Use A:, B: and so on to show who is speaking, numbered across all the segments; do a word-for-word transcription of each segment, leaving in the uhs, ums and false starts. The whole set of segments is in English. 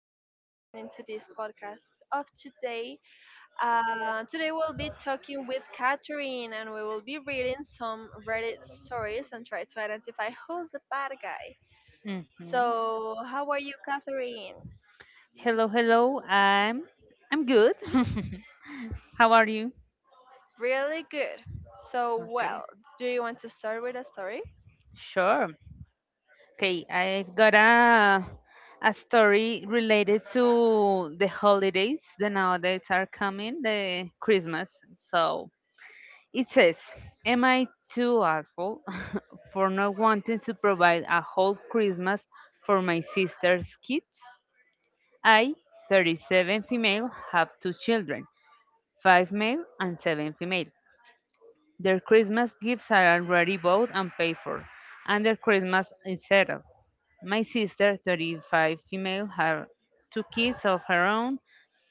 A: here and listening to this podcast of today. Uh, today we'll be talking with Catherine and we will be reading some Reddit stories and try to identify who's the bad guy.
B: Mhm.
A: So, how are you, Catherine?
B: Hello, hello. I'm I'm good. How are you?
A: Really good. So,
B: Okay.
A: well, do you want to start with a story?
B: Sure. Okay, I've got a a story related to the holidays that nowadays are coming, the Christmas. So it says, am I too awful for not wanting to provide a whole Christmas for my sister's kids? I, thirty-seven female, have two children. Five male and seven female. Their Christmas gifts are already bought and paid for, and their Christmas is settled. My sister, thirty-five female, had two kids of her own,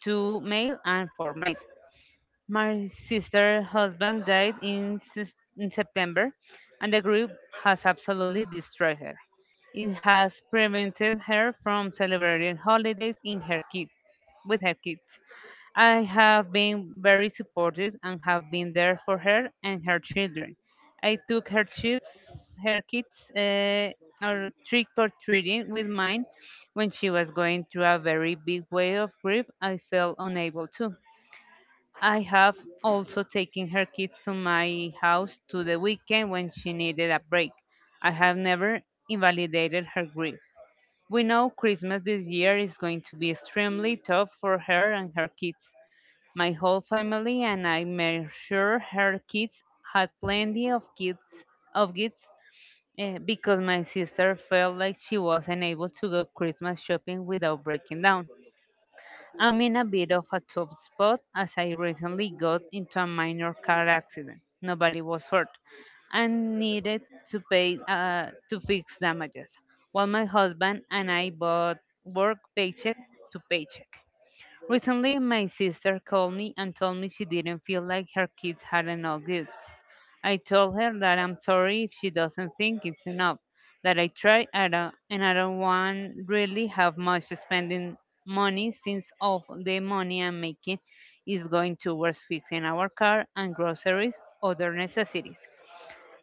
B: two male and four male. My sister's husband died in, Sep- in September, and the grief has absolutely destroyed her. It has prevented her from celebrating holidays in her kid, with her kids. I have been very supportive and have been there for her and her children. I took her kids, her kids, uh, or trick or treating with mine when she was going through a very big wave of grief. I felt unable to. I have also taken her kids to my house to the weekend when she needed a break. I have never invalidated her grief. We know Christmas this year is going to be extremely tough for her and her kids. My whole family and I made sure her kids had plenty of kids of gifts, eh, because my sister felt like she wasn't able to go Christmas shopping without breaking down. I'm in a bit of a tough spot as I recently got into a minor car accident. Nobody was hurt and needed to pay uh, to fix damages, while my husband and I both work paycheck to paycheck. Recently, my sister called me and told me she didn't feel like her kids had enough gifts. I told her that I'm sorry if she doesn't think it's enough, that I try I don't- and I don't want really have much spending money since all the money I'm making is going towards fixing our car and groceries, other necessities.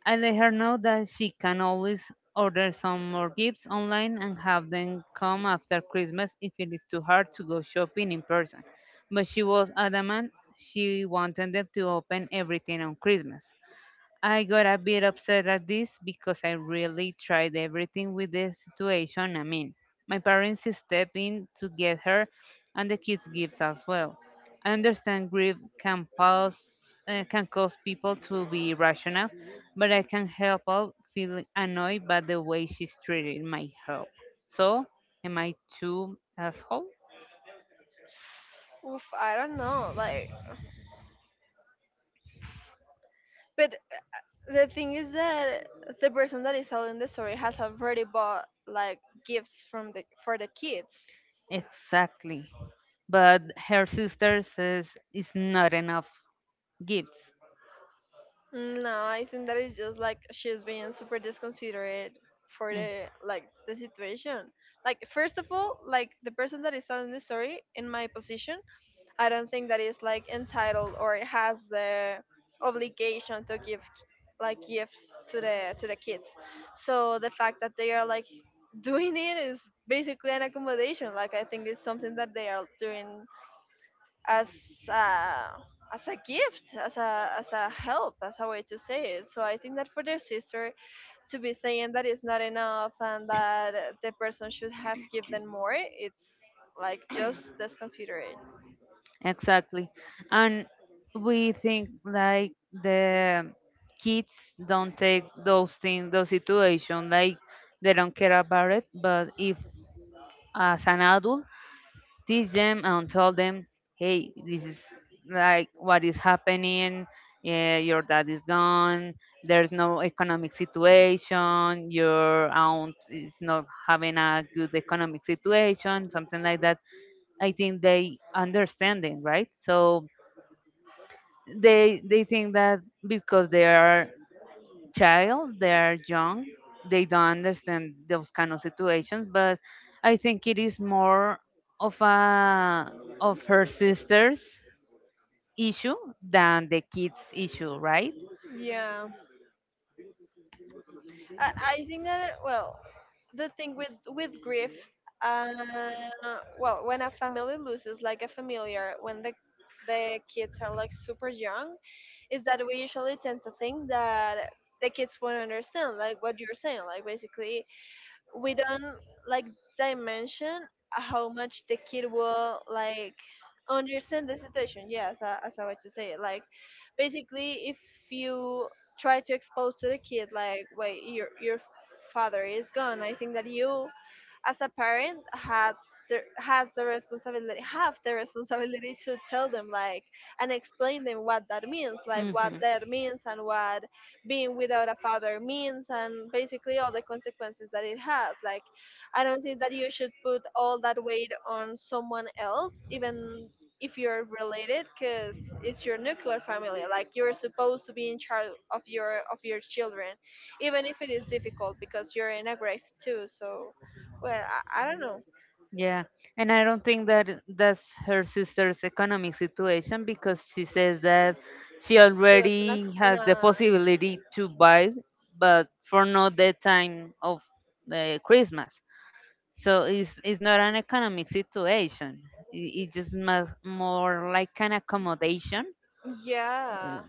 B: I let her know that she can always order some more gifts online and have them come after Christmas if it is too hard to go shopping in person. But she was adamant she wanted them to open everything on Christmas. I got a bit upset at this because I really tried everything with the situation. I mean, my parents stepped in to get her, and the kids' gifts as well. I understand grief can pause, uh, can cause people to be irrational, but I can't help but feel annoyed by the way she's treated my help. So, am I too asshole?
A: Oof, I don't know. Like, but the thing is that the person that is telling the story has already bought like gifts from the for the kids.
B: Exactly. But her sister says it's not enough gifts.
A: Mm, no, I think that is just like she's being super disconsiderate for
B: Mm.
A: the like the situation. Like first of all, like the person that is telling the story in my position, I don't think that is like entitled or has the obligation to give like gifts to the to the kids. So the fact that they are like doing it is basically an accommodation. Like I think it's something that they are doing as uh, as a gift, as a as a help, as a way to say it. So I think that for their sister to be saying that it's not enough and that uh, the person should have given more, it's like just disconsiderate.
B: Exactly. And we think like the kids don't take those things, those situations, like they don't care about it. But if as an adult, teach them and tell them, hey, this is like what is happening. Yeah, your dad is gone. There's no economic situation. Your aunt is not having a good economic situation, something like that, I think they understanding, right? So they they think that because they are child, they are young, they don't understand those kind of situations. But I think it is more of a of her sister's issue than the kids' issue, right?
A: Yeah, I, I think that, well, the thing with with grief. Uh, well, when a family loses like a familiar, when the the kids are like super young, is that we usually tend to think that the kids won't understand like what you're saying, like basically we don't like dimension how much the kid will like understand the situation. Yes, uh, as I was to say, like basically if you try to expose to the kid like, wait, your your father is gone. I think that you as a parent had the, has the responsibility have the responsibility to tell them like and explain them what that means, like what that means and what being without a father means, and basically all the consequences that it has. Like I don't think that you should put all that weight on someone else even if you're related, because it's your nuclear family, like you're
B: you
A: supposed to be in charge of your of your children even if it is difficult because you're in a grave too. So, well, i, I don't know.
B: Yeah, and I don't think that that's her sister's economic situation because she says that she
A: She was in a,
B: already
A: in
B: has the
A: a
B: possibility to buy, but for not the time of the Christmas. So it's, it's not an economic situation. I- It's just mas- more like an accommodation. Uh,
A: Yeah,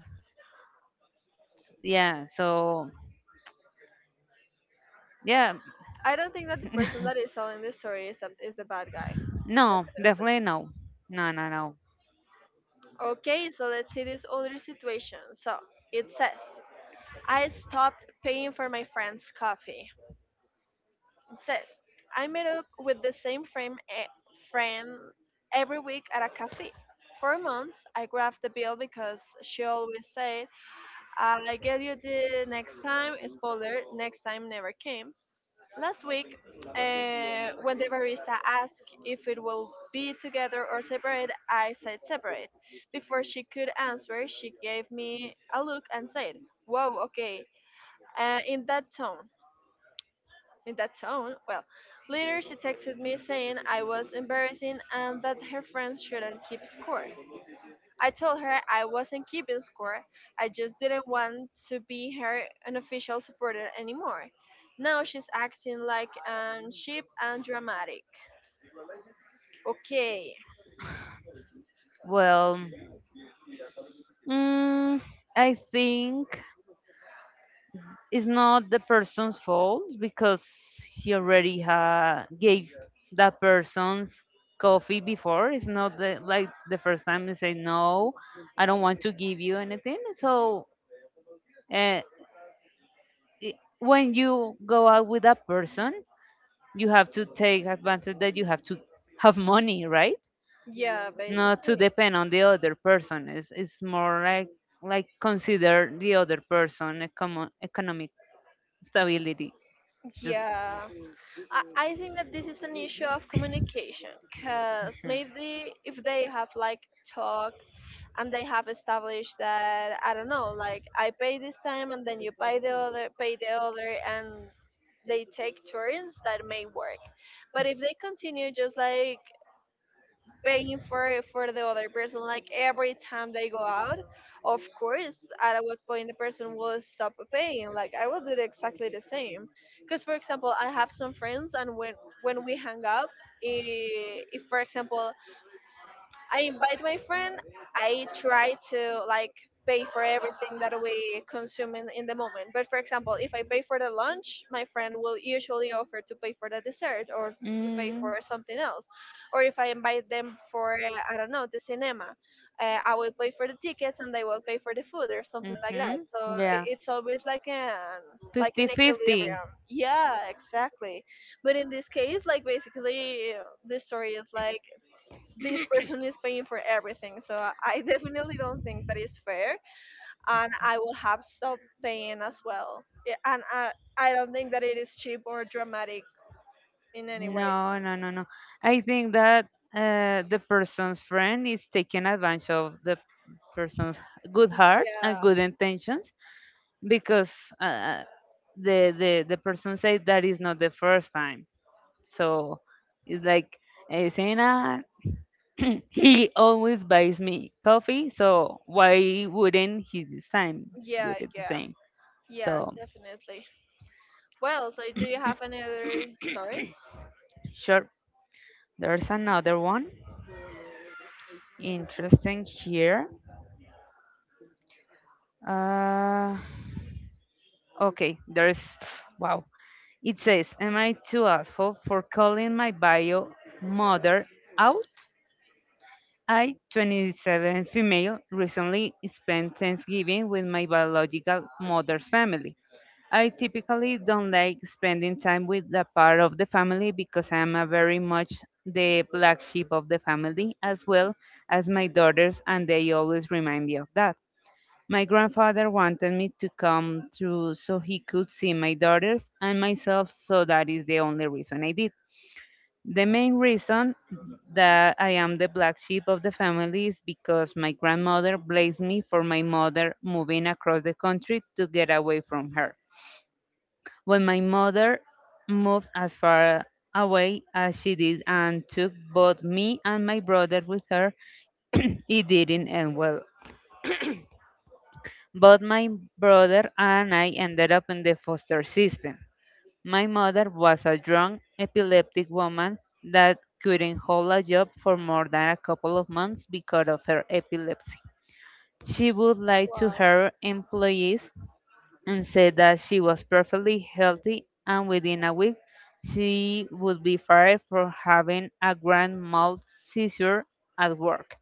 B: Yeah. So yeah,
A: I don't think that the person that is telling the story is, a, is the bad guy.
B: no, definitely no, no, no, no.
A: Definitely. Okay, so let's see this other situation. So it says, I stopped paying for my friend's coffee. It says, I met up with the same friend, eh, friend every week at a cafe. For months, I grabbed the bill because she always said, I get you the next time. Spoiler, next time never came. Last week, uh, when the barista asked if it will be together or separate, I said separate. Before she could answer, she gave me a look and said, whoa, okay, uh, in that tone. In that tone? Well, later she texted me saying I was embarrassing and that her friends shouldn't keep score. I told her I wasn't keeping score. I just didn't want to be her unofficial supporter anymore. Now she's acting like um cheap and dramatic. Okay.
B: Well, mm, I think it's not the person's fault because he already ha- gave that person's coffee before. It's not the, like the first time they say no, I don't want to give you anything. So. Uh, i- when you go out with that person, you have to take advantage that you have to have money, right?
A: Yeah,
B: Not to
A: basically.
B: depend on the other person. It's, it's more like like consider the other person econo- economic stability. Just.
A: Yeah. I, I think that this is an issue of
B: Mhm.
A: communication because maybe if they have like talk and they have established that, I don't know, like I pay this time and then you pay the other, pay the other, and they take turns, that may work. But if they continue just like paying for for the other person, like every time they go out, of course, at what point the person will stop paying. Like I will do the- exactly the same, because for example, I have some friends, and when when we hang up. i- If, for example, I invite my friend. I try to like pay for everything that we consume in, in the moment. But for example, if I pay for the lunch, my friend will usually offer to pay for the dessert or to pay for something else. Or if I invite them for uh, I don't know, the cinema, uh, I will pay for the tickets and they will pay for the food or something like that. So i-
B: Fifty-fifty.
A: it's always like an like an equilibrium. Yeah, exactly. But in this case, like basically uh, the story is like this person is paying for everything. So I I definitely don't think that is fair, and I will have stopped paying as well. Yeah, and I I don't think that it is cheap or dramatic in any way.
B: No, no, no, no. I think that uh, the person's friend is taking advantage of the person's good heart and
A: Yeah,
B: good intentions, because uh, uh, the, the the person said that is not the first time. So it's like uh, saying, ah, he always buys me coffee, so why wouldn't he this time do
A: yeah,
B: it the
A: yeah,
B: same?
A: yeah,
B: So
A: definitely. Well, so do you have any other stories?
B: sure, there's another one interesting here. Uh, okay, there's wow. It says, "Am I too asshole for calling my bio mother out?" I, twenty-seven female, recently spent Thanksgiving with my biological mother's family. I typically don't like spending time with that part of the family because I am a very much the black sheep of the family, as well as my daughters, and they always remind me of that. My grandfather wanted me to come through so he could see my daughters and myself, so that is the only reason I did. The main reason that I am the black sheep of the family is because my grandmother blamed me for my mother moving across the country to get away from her. When my mother moved as far away as she did and took both me and my brother with her, it didn't end well. Both my brother and I ended up in the foster system. My mother was a drunk, epileptic woman that couldn't hold a job for more than a couple of months because of her epilepsy. She would lie to
A: Wow.
B: her employees and said that she was perfectly healthy, and within a week, she would be fired for having a grand mal seizure at work.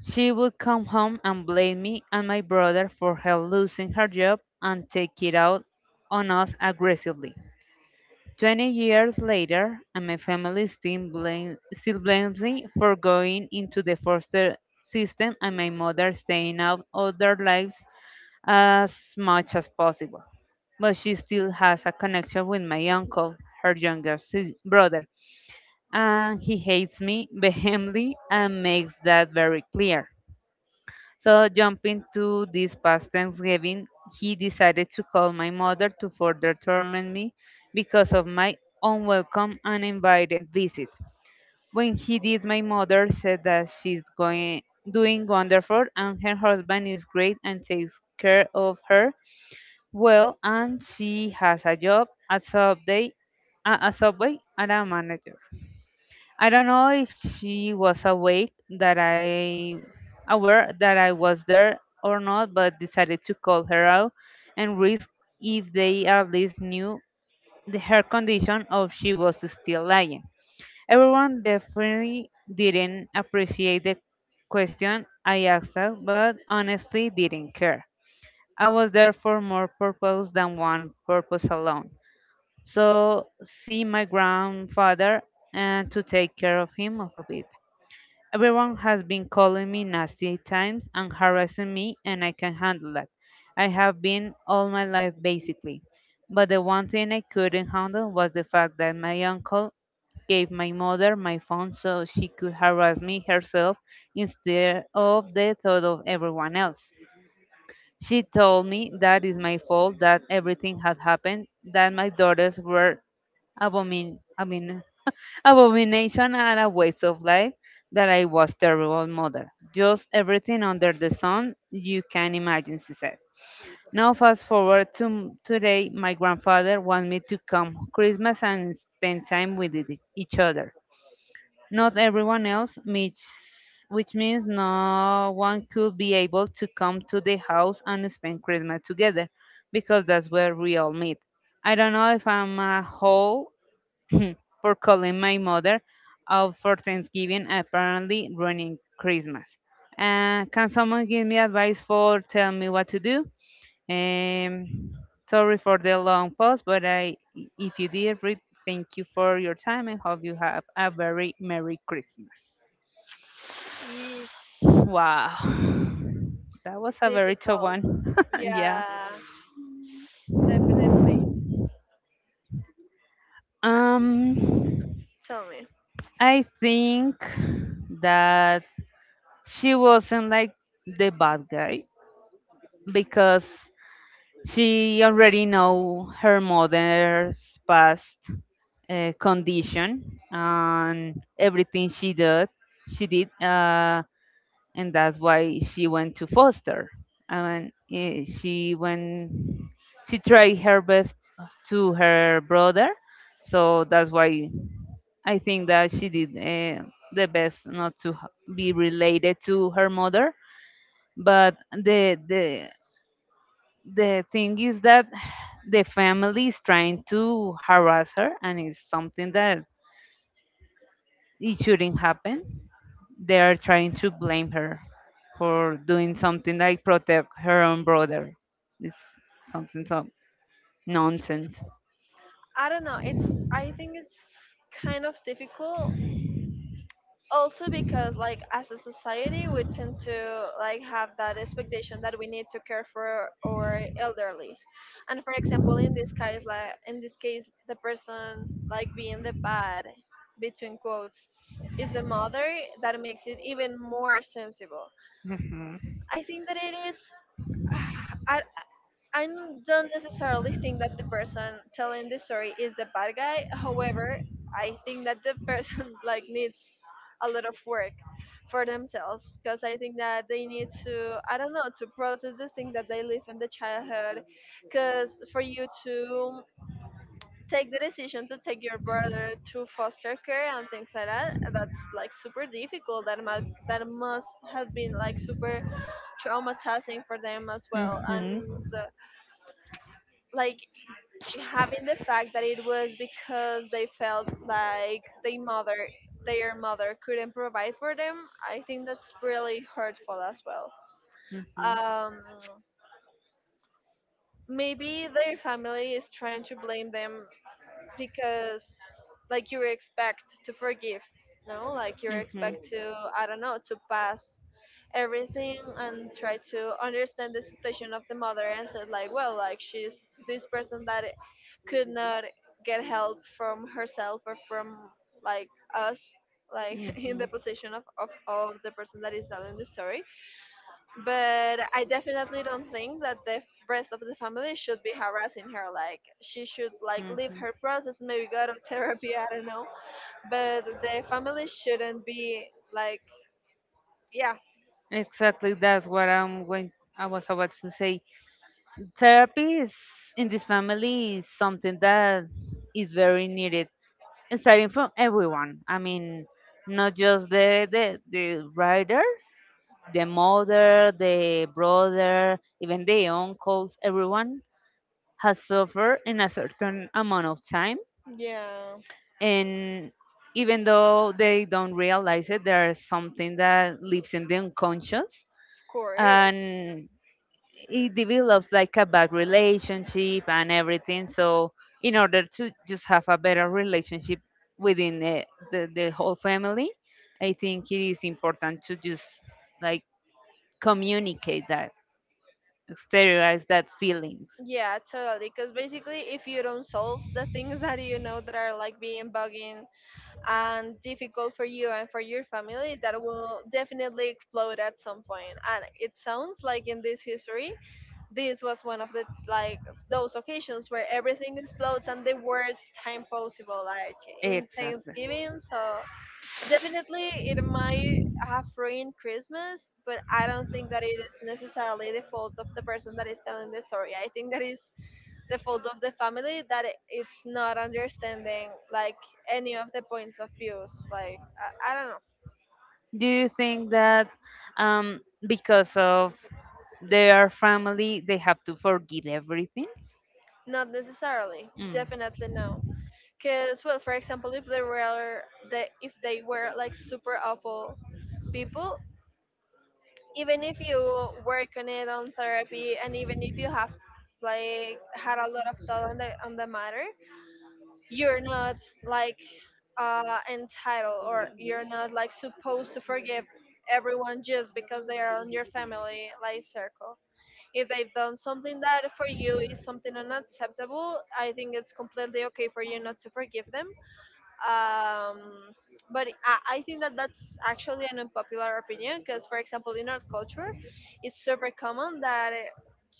B: She would come home and blame me and my brother for her losing her job and take it out on us aggressively. Twenty years later, and my family still, blame, still blames me for going into the foster system and my mother staying out of their lives as much as possible. But she still has a connection with my uncle, her younger sis- brother, and he hates me vehemently and makes that very clear. So, jumping to this past Thanksgiving, he decided to call my mother to further torment me because of my unwelcome, uninvited visit. When he did, my mother said that she's going doing wonderful and her husband is great and takes care of her well, and she has a job at Subway, uh, a Subway, and a manager. I don't know if she was awake that I aware that I was there or not, but decided to call her out and risk if they at least knew the, her condition or if she was still lying. Everyone definitely didn't appreciate the question I asked her, but honestly didn't care. I was there for more purpose than one purpose alone. So see my grandfather and to take care of him of a bit. Everyone has been calling me nasty times and harassing me, and I can handle that. I have been all my life basically. But the one thing I couldn't handle was the fact that my uncle gave my mother my phone so she could harass me herself instead of the thought of everyone else. She told me that is my fault that everything had happened, that my daughters were abomin- abomin- abomination and a waste of life, that I was terrible mother. Just everything under the sun you can imagine, she said. Now fast forward to m- today, my grandfather wants me to come Christmas and spend time with it- each other. Not everyone else, which, which means no one could be able to come to the house and spend Christmas together, because that's where we all meet. I don't know if I'm a whole for calling my mother out for Thanksgiving, apparently ruining Christmas. Uh, can someone give me advice for tell me what to do? Um, Sorry for the long pause, but I, if you did read, thank you for your time and hope you have a very Merry Christmas.
A: Yeesh.
B: Wow, that was a very tough
A: Difficult.
B: one. Yeah.
A: Yeah, definitely. Uh,
B: Um,
A: Tell me.
B: I think that she wasn't like the bad guy, because she already know her mother's past uh, condition, and everything she did she did uh, and that's why she went to foster, and eh, she went she tried her best to her brother. So that's why I think that she did uh, the best not to h- be related to her mother. But the the the thing is that the family is trying to harass her, and it's something that it shouldn't happen. They are trying to blame her for doing something like protect her own brother. It's something so nonsense.
A: I don't know. It's. I think it's kind of difficult also because like as a society we tend to like have that expectation that we need to care for our elderlies, and for example in this case, like in this case the person like being the bad, between quotes, is the mother. That makes it even more sensible. I think that it is I, I don't necessarily think that the person telling the story is the bad guy. However, I think that the person like needs a lot of work for themselves because I think that they need to, I don't know, to process the thing that they live in the childhood. Because for you to take the decision to take your brother to foster care and things like that, that's like super difficult. That mu- that must have been like super traumatizing for them as well. And uh, like having the fact that it was because they felt like their mother their mother couldn't provide for them, I think that's really hurtful as well. um Maybe their family is trying to blame them because like you expect to forgive, no, like you expect to, I don't know, to pass everything and try to understand the situation of the mother and said like, well, like she's this person that could not get help from herself or from like us, like in the
B: Mhm.
A: position of, of, of the person that is telling the story. But I definitely don't think that the rest of the family should be harassing her. Like she should like leave
B: Mhm.
A: her process, maybe go to therapy. I don't know, but the family shouldn't be like, yeah,
B: Like, exactly, that's what I'm going. I was about to say. Therapy is in this family is something that is very needed, starting from everyone. I mean, not just the the, the writer, the mother, the brother, even the uncles. Everyone has suffered in a certain amount of time,
A: yeah, of
B: and even though they don't realize it, there is something that lives in the unconscious,
A: course.
B: and it develops like a bad relationship and everything. So in order to just have a better relationship within the, the, the whole family, I think it is important to just like communicate that, exteriorize that feelings.
A: Yeah, totally. Because basically, if you don't solve the things that you know that are like being bugging and difficult for you and for your family, that will definitely explode at some point. And it sounds like in this history this was one of the like those occasions where everything explodes and the worst time possible, like in
B: Exactly.
A: Thanksgiving. So definitely it might have ruined Christmas, but I don't think that it is necessarily the fault of the person that is telling the story. I think that is the fault of the family that it- it's not understanding like any of the points of views. Like i, I don't know.
B: Do you think that um, because of their family, they have to forgive everything?
A: Not necessarily,
B: Mm.
A: definitely no. Cause well, for example, if they were the if they were like super awful people, even if you work on it on therapy, and even if you have like had a lot of thought on the on the matter, you're not like uh entitled, or you're not like supposed to forgive everyone just because they are on your family like circle. If they've done something that for you is something unacceptable, I think it's completely okay for you not to forgive them. um, but I, I think that that's actually an unpopular opinion because for example in our culture it's super common that uh,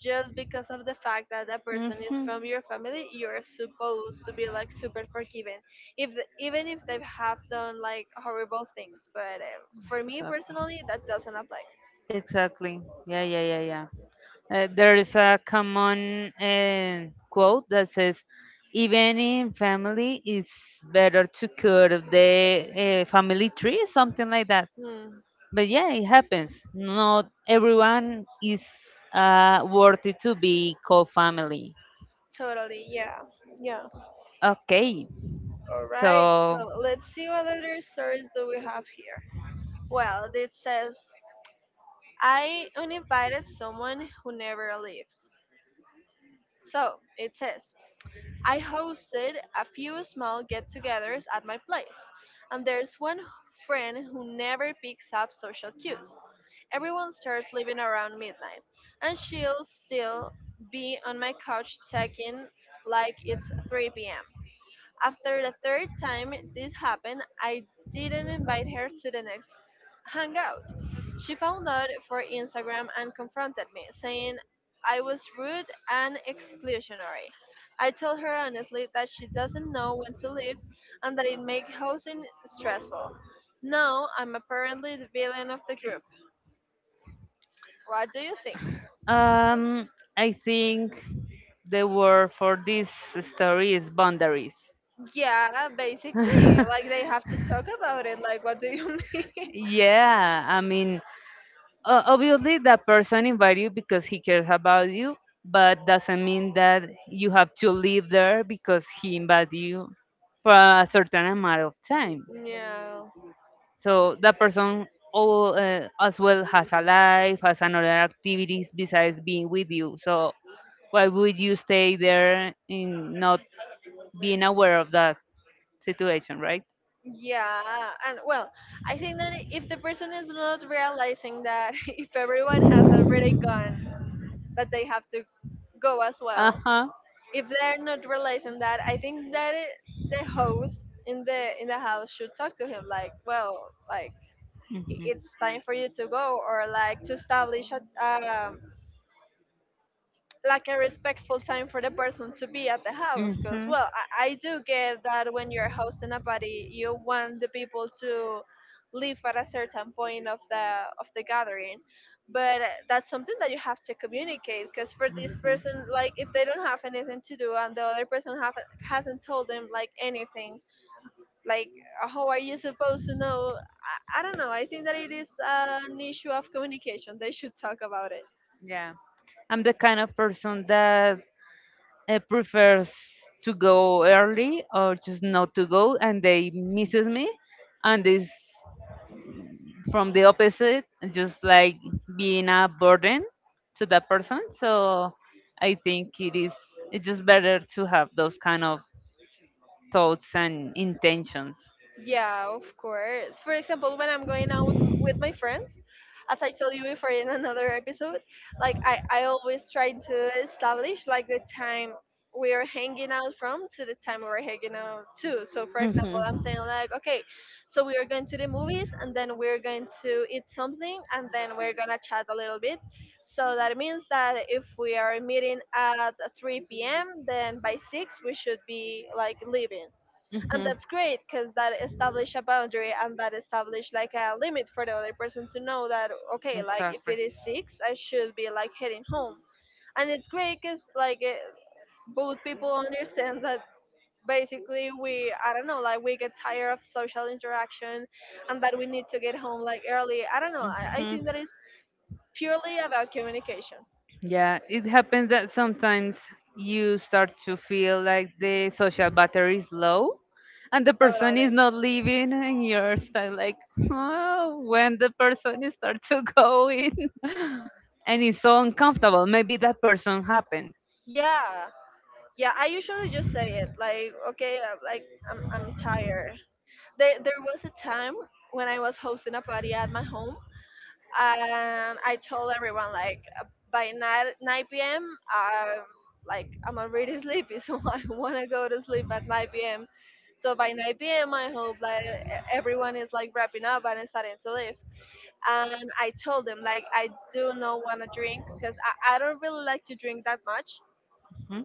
A: just because of the fact that that person is
B: Hmm.
A: from your family you're supposed to be like super forgiving if the, even if they have done like horrible things. But uh, for me personally that doesn't apply.
B: Personally, exactly. Yeah, yeah, yeah, yeah. Uh, there is a common uh, quote that says, even in family, it's better to cut the uh, family tree, something like that.
A: Hmm,
B: But yeah, it happens. Not everyone is uh, worthy to be called family.
A: totally. Yeah, yeah.
B: Okay,
A: All right,
B: so
A: so let's see what other stories do we have here. Well, this says, I uninvited someone who never leaves. So it says, I hosted a few small get togethers at my place, and there's one friend who never picks up social cues. Everyone starts leaving around midnight, and she'll still be on my couch teching like it's three p m. After the third time this happened, I didn't invite her to the next hangout. She found out for Instagram and confronted me, saying I was rude and exclusionary. I told her honestly that she doesn't know when to leave and that it makes housing stressful. Now I'm apparently the villain of the group. What do you think?
B: um, I think the word for this story is boundaries.
A: Yeah, basically. Like they have to talk about it. Like, what do you mean?
B: Yeah, I mean, uh, obviously that person invited you because he cares about you, but doesn't mean that you have to live there because he invited you for a certain amount of time.
A: Yeah.
B: So that person all, uh, as well has a life, has another activities besides being with you. So why would you stay there in not being aware of that situation, right?
A: Yeah, and well, I think that if the person is not realizing that if everyone has already gone, that they have to go as
B: Uh
A: well.
B: huh.
A: If they're not realizing that, I think that it, the host in the in the house should talk to him like, well, like i-
B: Mhm.
A: it's time for you to go, or like to establish a um, like a respectful time for the person to be at the house because
B: Mhm.
A: well I, I do get that when you're hosting a party you want the people to leave at a certain point of the of the gathering but uh, that's something that you have to communicate because for this
B: Mhm.
A: person, like if they don't have anything to do and the other person have, hasn't told them like anything, like how are you supposed to know? I, I don't know, I think that it is uh, an issue of communication. They should talk about it.
B: Yeah. I'm the kind of person that uh, prefers to go early or just not to go, and they misses me, and this from the opposite, just like being a burden to that person. So I think it is it's just better to have those kind of thoughts and intentions.
A: Yeah, of course. For example, when I'm going out m- with my friends, as I told you before in another episode, like I, I always try to establish like the time we are hanging out from to the time we're hanging out to. So for
B: Hmm.
A: example,
B: Hmm.
A: I'm saying like, okay, so we are going to the movies and then we're going to eat something and then we're gonna chat a little bit. So that means that if we are meeting at three p m, then by six we should be like leaving, and that's great because that established a boundary and that established like a limit for the other person to know that, okay, like if
B: Exactly.
A: it is six I should be like heading home. And it's great because like it, both people understand that basically we I don't know, like we get tired of social interaction and that we need to get home like early. I don't know, i, I
B: Hmm.
A: think that is purely about communication.
B: Yeah, it happens that sometimes you start to feel like the social battery is low and the person is
A: Totally,
B: not leaving, and you're still like, oh, when the person is start to go in and it's so uncomfortable. Maybe that person happened.
A: yeah, yeah. I usually just say it like, okay, uh, like i'm, I'm tired. There there was a time when I was hosting a party at my home, and I told everyone like uh, by nine nine p m. I'm like I'm already sleepy, so I want to go to sleep at nine p m. So by nine p m. I hope like e- everyone is like wrapping up and starting to leave. And I told them like I do not want to drink because I, I don't really like to drink that much.
B: Mhm.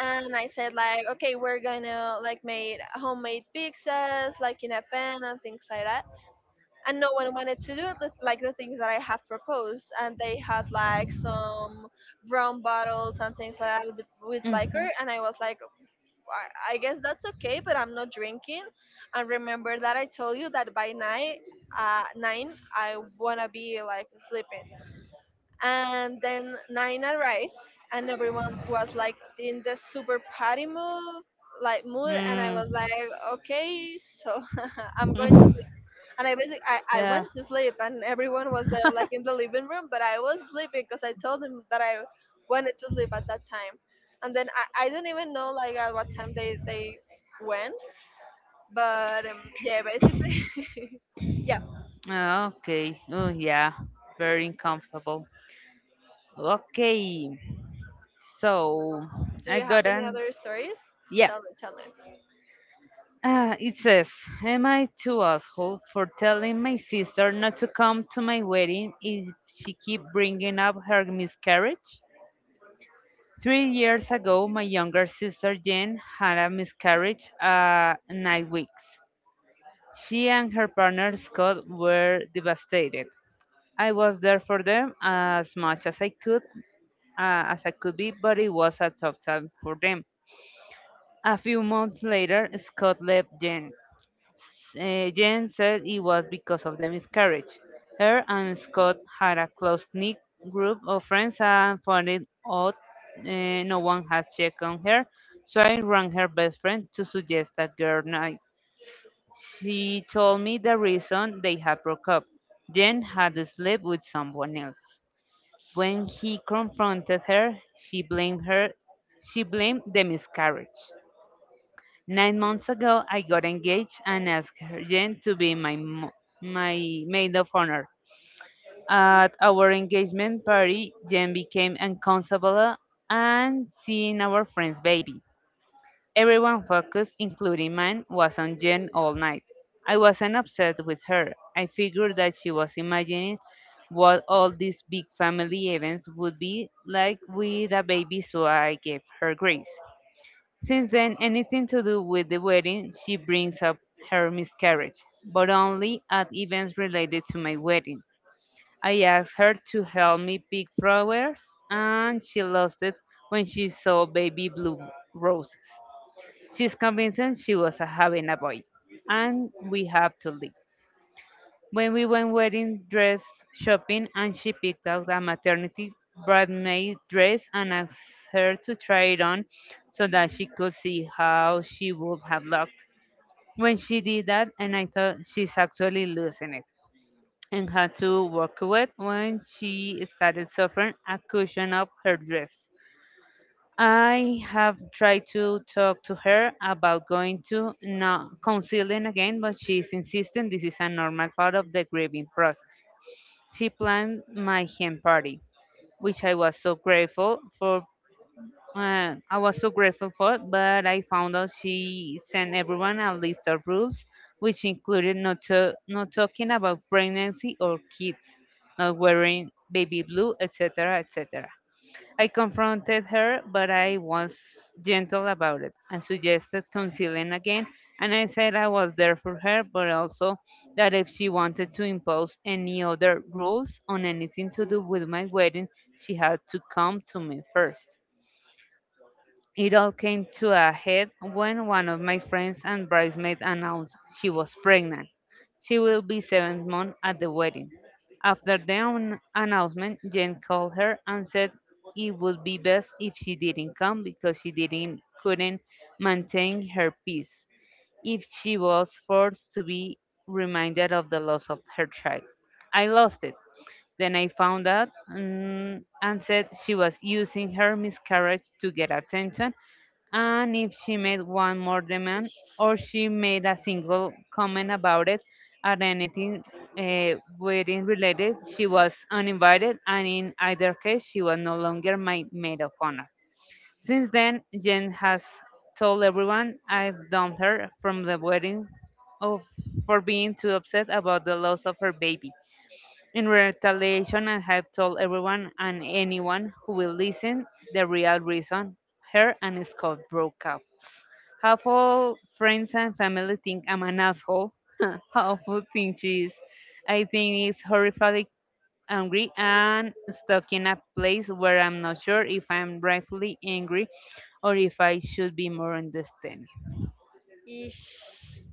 A: And I said like, okay, we're gonna like make homemade pizzas, like in a pan and things like that, and no one wanted to do it, like the things that I have proposed. And they had like some brown bottles and things like that with, with liquor. And I was like, I, I guess that's okay, but I'm not drinking. And remember that I told you that by night, uh, nine, I wanna be like sleeping.
B: Mhm.
A: And then nine arrived, and everyone was like in the super party mood, like mood, and I was like, okay, so I'm going.
B: Mm.
A: And I basically I, I went to sleep and everyone was there like in the living room, but I was sleeping because I told them that I wanted to sleep at that time. And then I, I don't even know like at what time they, they went. But um, yeah, basically yeah.
B: Ah, okay. Oh, yeah. Very uncomfortable. Okay. So
A: Do
B: I
A: you have
B: got
A: any
B: an
A: other stories?
B: yeah.
A: Tell me, tell
B: Uh, it says, am I too asshole for telling my sister not to come to my wedding if she keep bringing up her miscarriage? Three years ago, my younger sister Jen had a miscarriage uh, nine weeks. She and her partner Scott were devastated. I was there for them as much as I could, uh, as I could be, but it was a tough time for them. A few months later, Scott left Jen. Uh, Jen said it was because of the miscarriage. Her and Scott had a close-knit group of friends and found it odd uh, no one had checked on her, so I rang her best friend to suggest a girl night. She told me the reason they had broke up. Jen had slept with someone else. When he confronted her, she blamed her she blamed the miscarriage. Nine months ago, I got engaged and asked her Jen to be my mo- my maid of honor. At our engagement party, Jen became uncomfortable and seeing our friend's baby. Everyone focused, including mine, was on Jen all night. I wasn't upset with her. I figured that she was imagining what all these big family events would be like with a baby, so I gave her grace. Since then, anything to do with the wedding, she brings up her miscarriage, but only at events related to my wedding. I asked her to help me pick flowers, and she lost it when she saw baby blue roses. She's convinced she was having a boy, and we have to leave. When we went wedding dress shopping and she picked out a maternity bridesmaid dress and asked her to try it on so that she could see how she would have looked. When she did that and I thought she's actually losing it and had to walk away when she started suffering a cushion of her dress. I have tried to talk to her about going to no, counseling again, but she's insisting this is a normal part of the grieving process. She planned my hen party, which I was so grateful for. Uh, I was so grateful for, but I found out she sent everyone a list of rules, which included not to, not talking about pregnancy or kids, not wearing baby blue, etcetera, etcetera. I confronted her, but I was gentle about it I suggested concealing again. And I said I was there for her, but also that if she wanted to impose any other rules on anything to do with my wedding, she had to come to me first. It all came to a head when one of my friends and bridesmaids announced she was pregnant. She will be seven months at the wedding. After the an- announcement, Jen called her and said it would be best if she didn't come because she didn't couldn't maintain her peace if she was forced to be reminded of the loss of her child. I lost it. Then I found out mm, and said she was using her miscarriage to get attention, and if she made one more demand or she made a single comment about it at anything uh, wedding related, she was uninvited, and in either case, she was no longer my maid of honor. Since then, Jen has told everyone I've dumped her from the wedding of, for being too upset about the loss of her baby. In retaliation, I have told everyone and anyone who will listen the real reason her and Scott broke up. Half all friends and family think I'm an asshole. How awful thing she is. I think it's horrifyingly angry and stuck in a place where I'm not sure if I'm rightfully angry or if I should be more understanding.
A: me. Ish.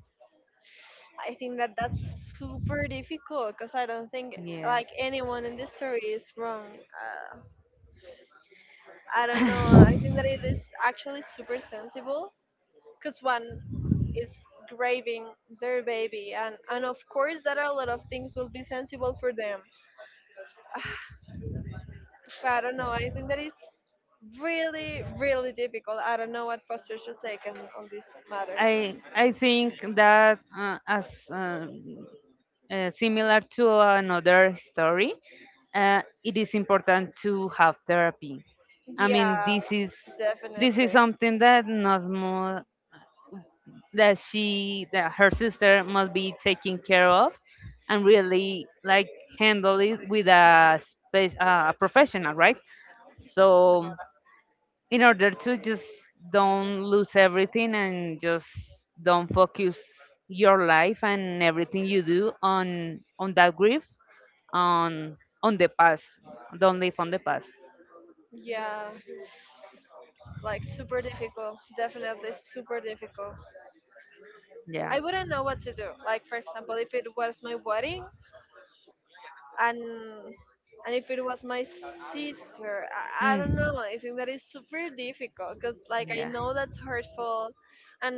A: I think that that's super difficult because I don't think
B: Yeah.
A: like anyone in this story is wrong. Uh, I don't know. I think that it is actually super sensible because one is grieving their baby, and and of course that a lot of things will be sensible for them. I don't know, I think that is really, really difficult. I don't know what posture should take on, on this matter.
B: I I think that uh, as um, uh, similar to another story, uh, it is important to have therapy. I mean,
A: Yeah,
B: this is this is
A: definitely.
B: something that not more that she that her sister must be taking care of, and really like handle it with a space, uh, a professional, right? So in order to just don't lose everything and just don't focus your life and everything you do on on that grief on on the past don't live on the past.
A: Yeah, like super difficult, definitely super difficult.
B: Yeah.
A: I wouldn't know what to do, like for example, if it was my wedding and and if it was my sister. I, I
B: Mm.
A: don't know, I think that is super difficult because like I
B: Yeah.
A: know that's hurtful. And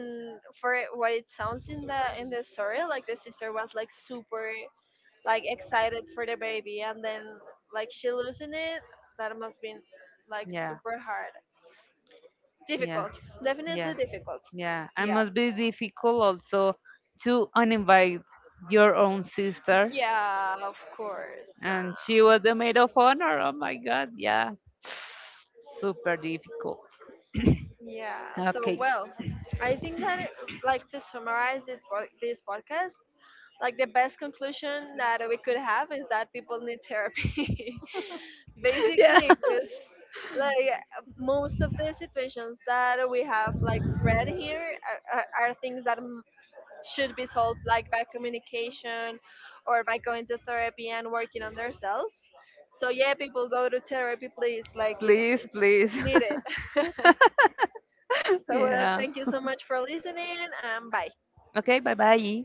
A: for it- what it sounds in the in the story, like the sister was like super like excited for the baby and then like she losing it, that must been like
B: Yeah.
A: super hard,
B: Yeah.
A: difficult,
B: Yeah.
A: definitely difficult.
B: Yeah. And
A: Yeah,
B: must be difficult also to uninvite your own sister
A: yeah, of course,
B: and
A: nah.
B: she was the maid of honor. Oh my God, yeah, super difficult.
A: Yeah. So
B: Okay,
A: well, I think that it, like to summarize it, po- this podcast, like the best conclusion that we could have is that people need therapy,
B: yeah,
A: basically, because like most of the situations that we have like read here are, are, are things that m- should be solved like by communication or by going to therapy and working on themselves. So yeah, people, go to therapy please, like it's
B: please,
A: it's,
B: please,
A: it's needed. So, uh,
B: yeah.
A: thank you so much for listening and bye.
B: Okay, bye bye.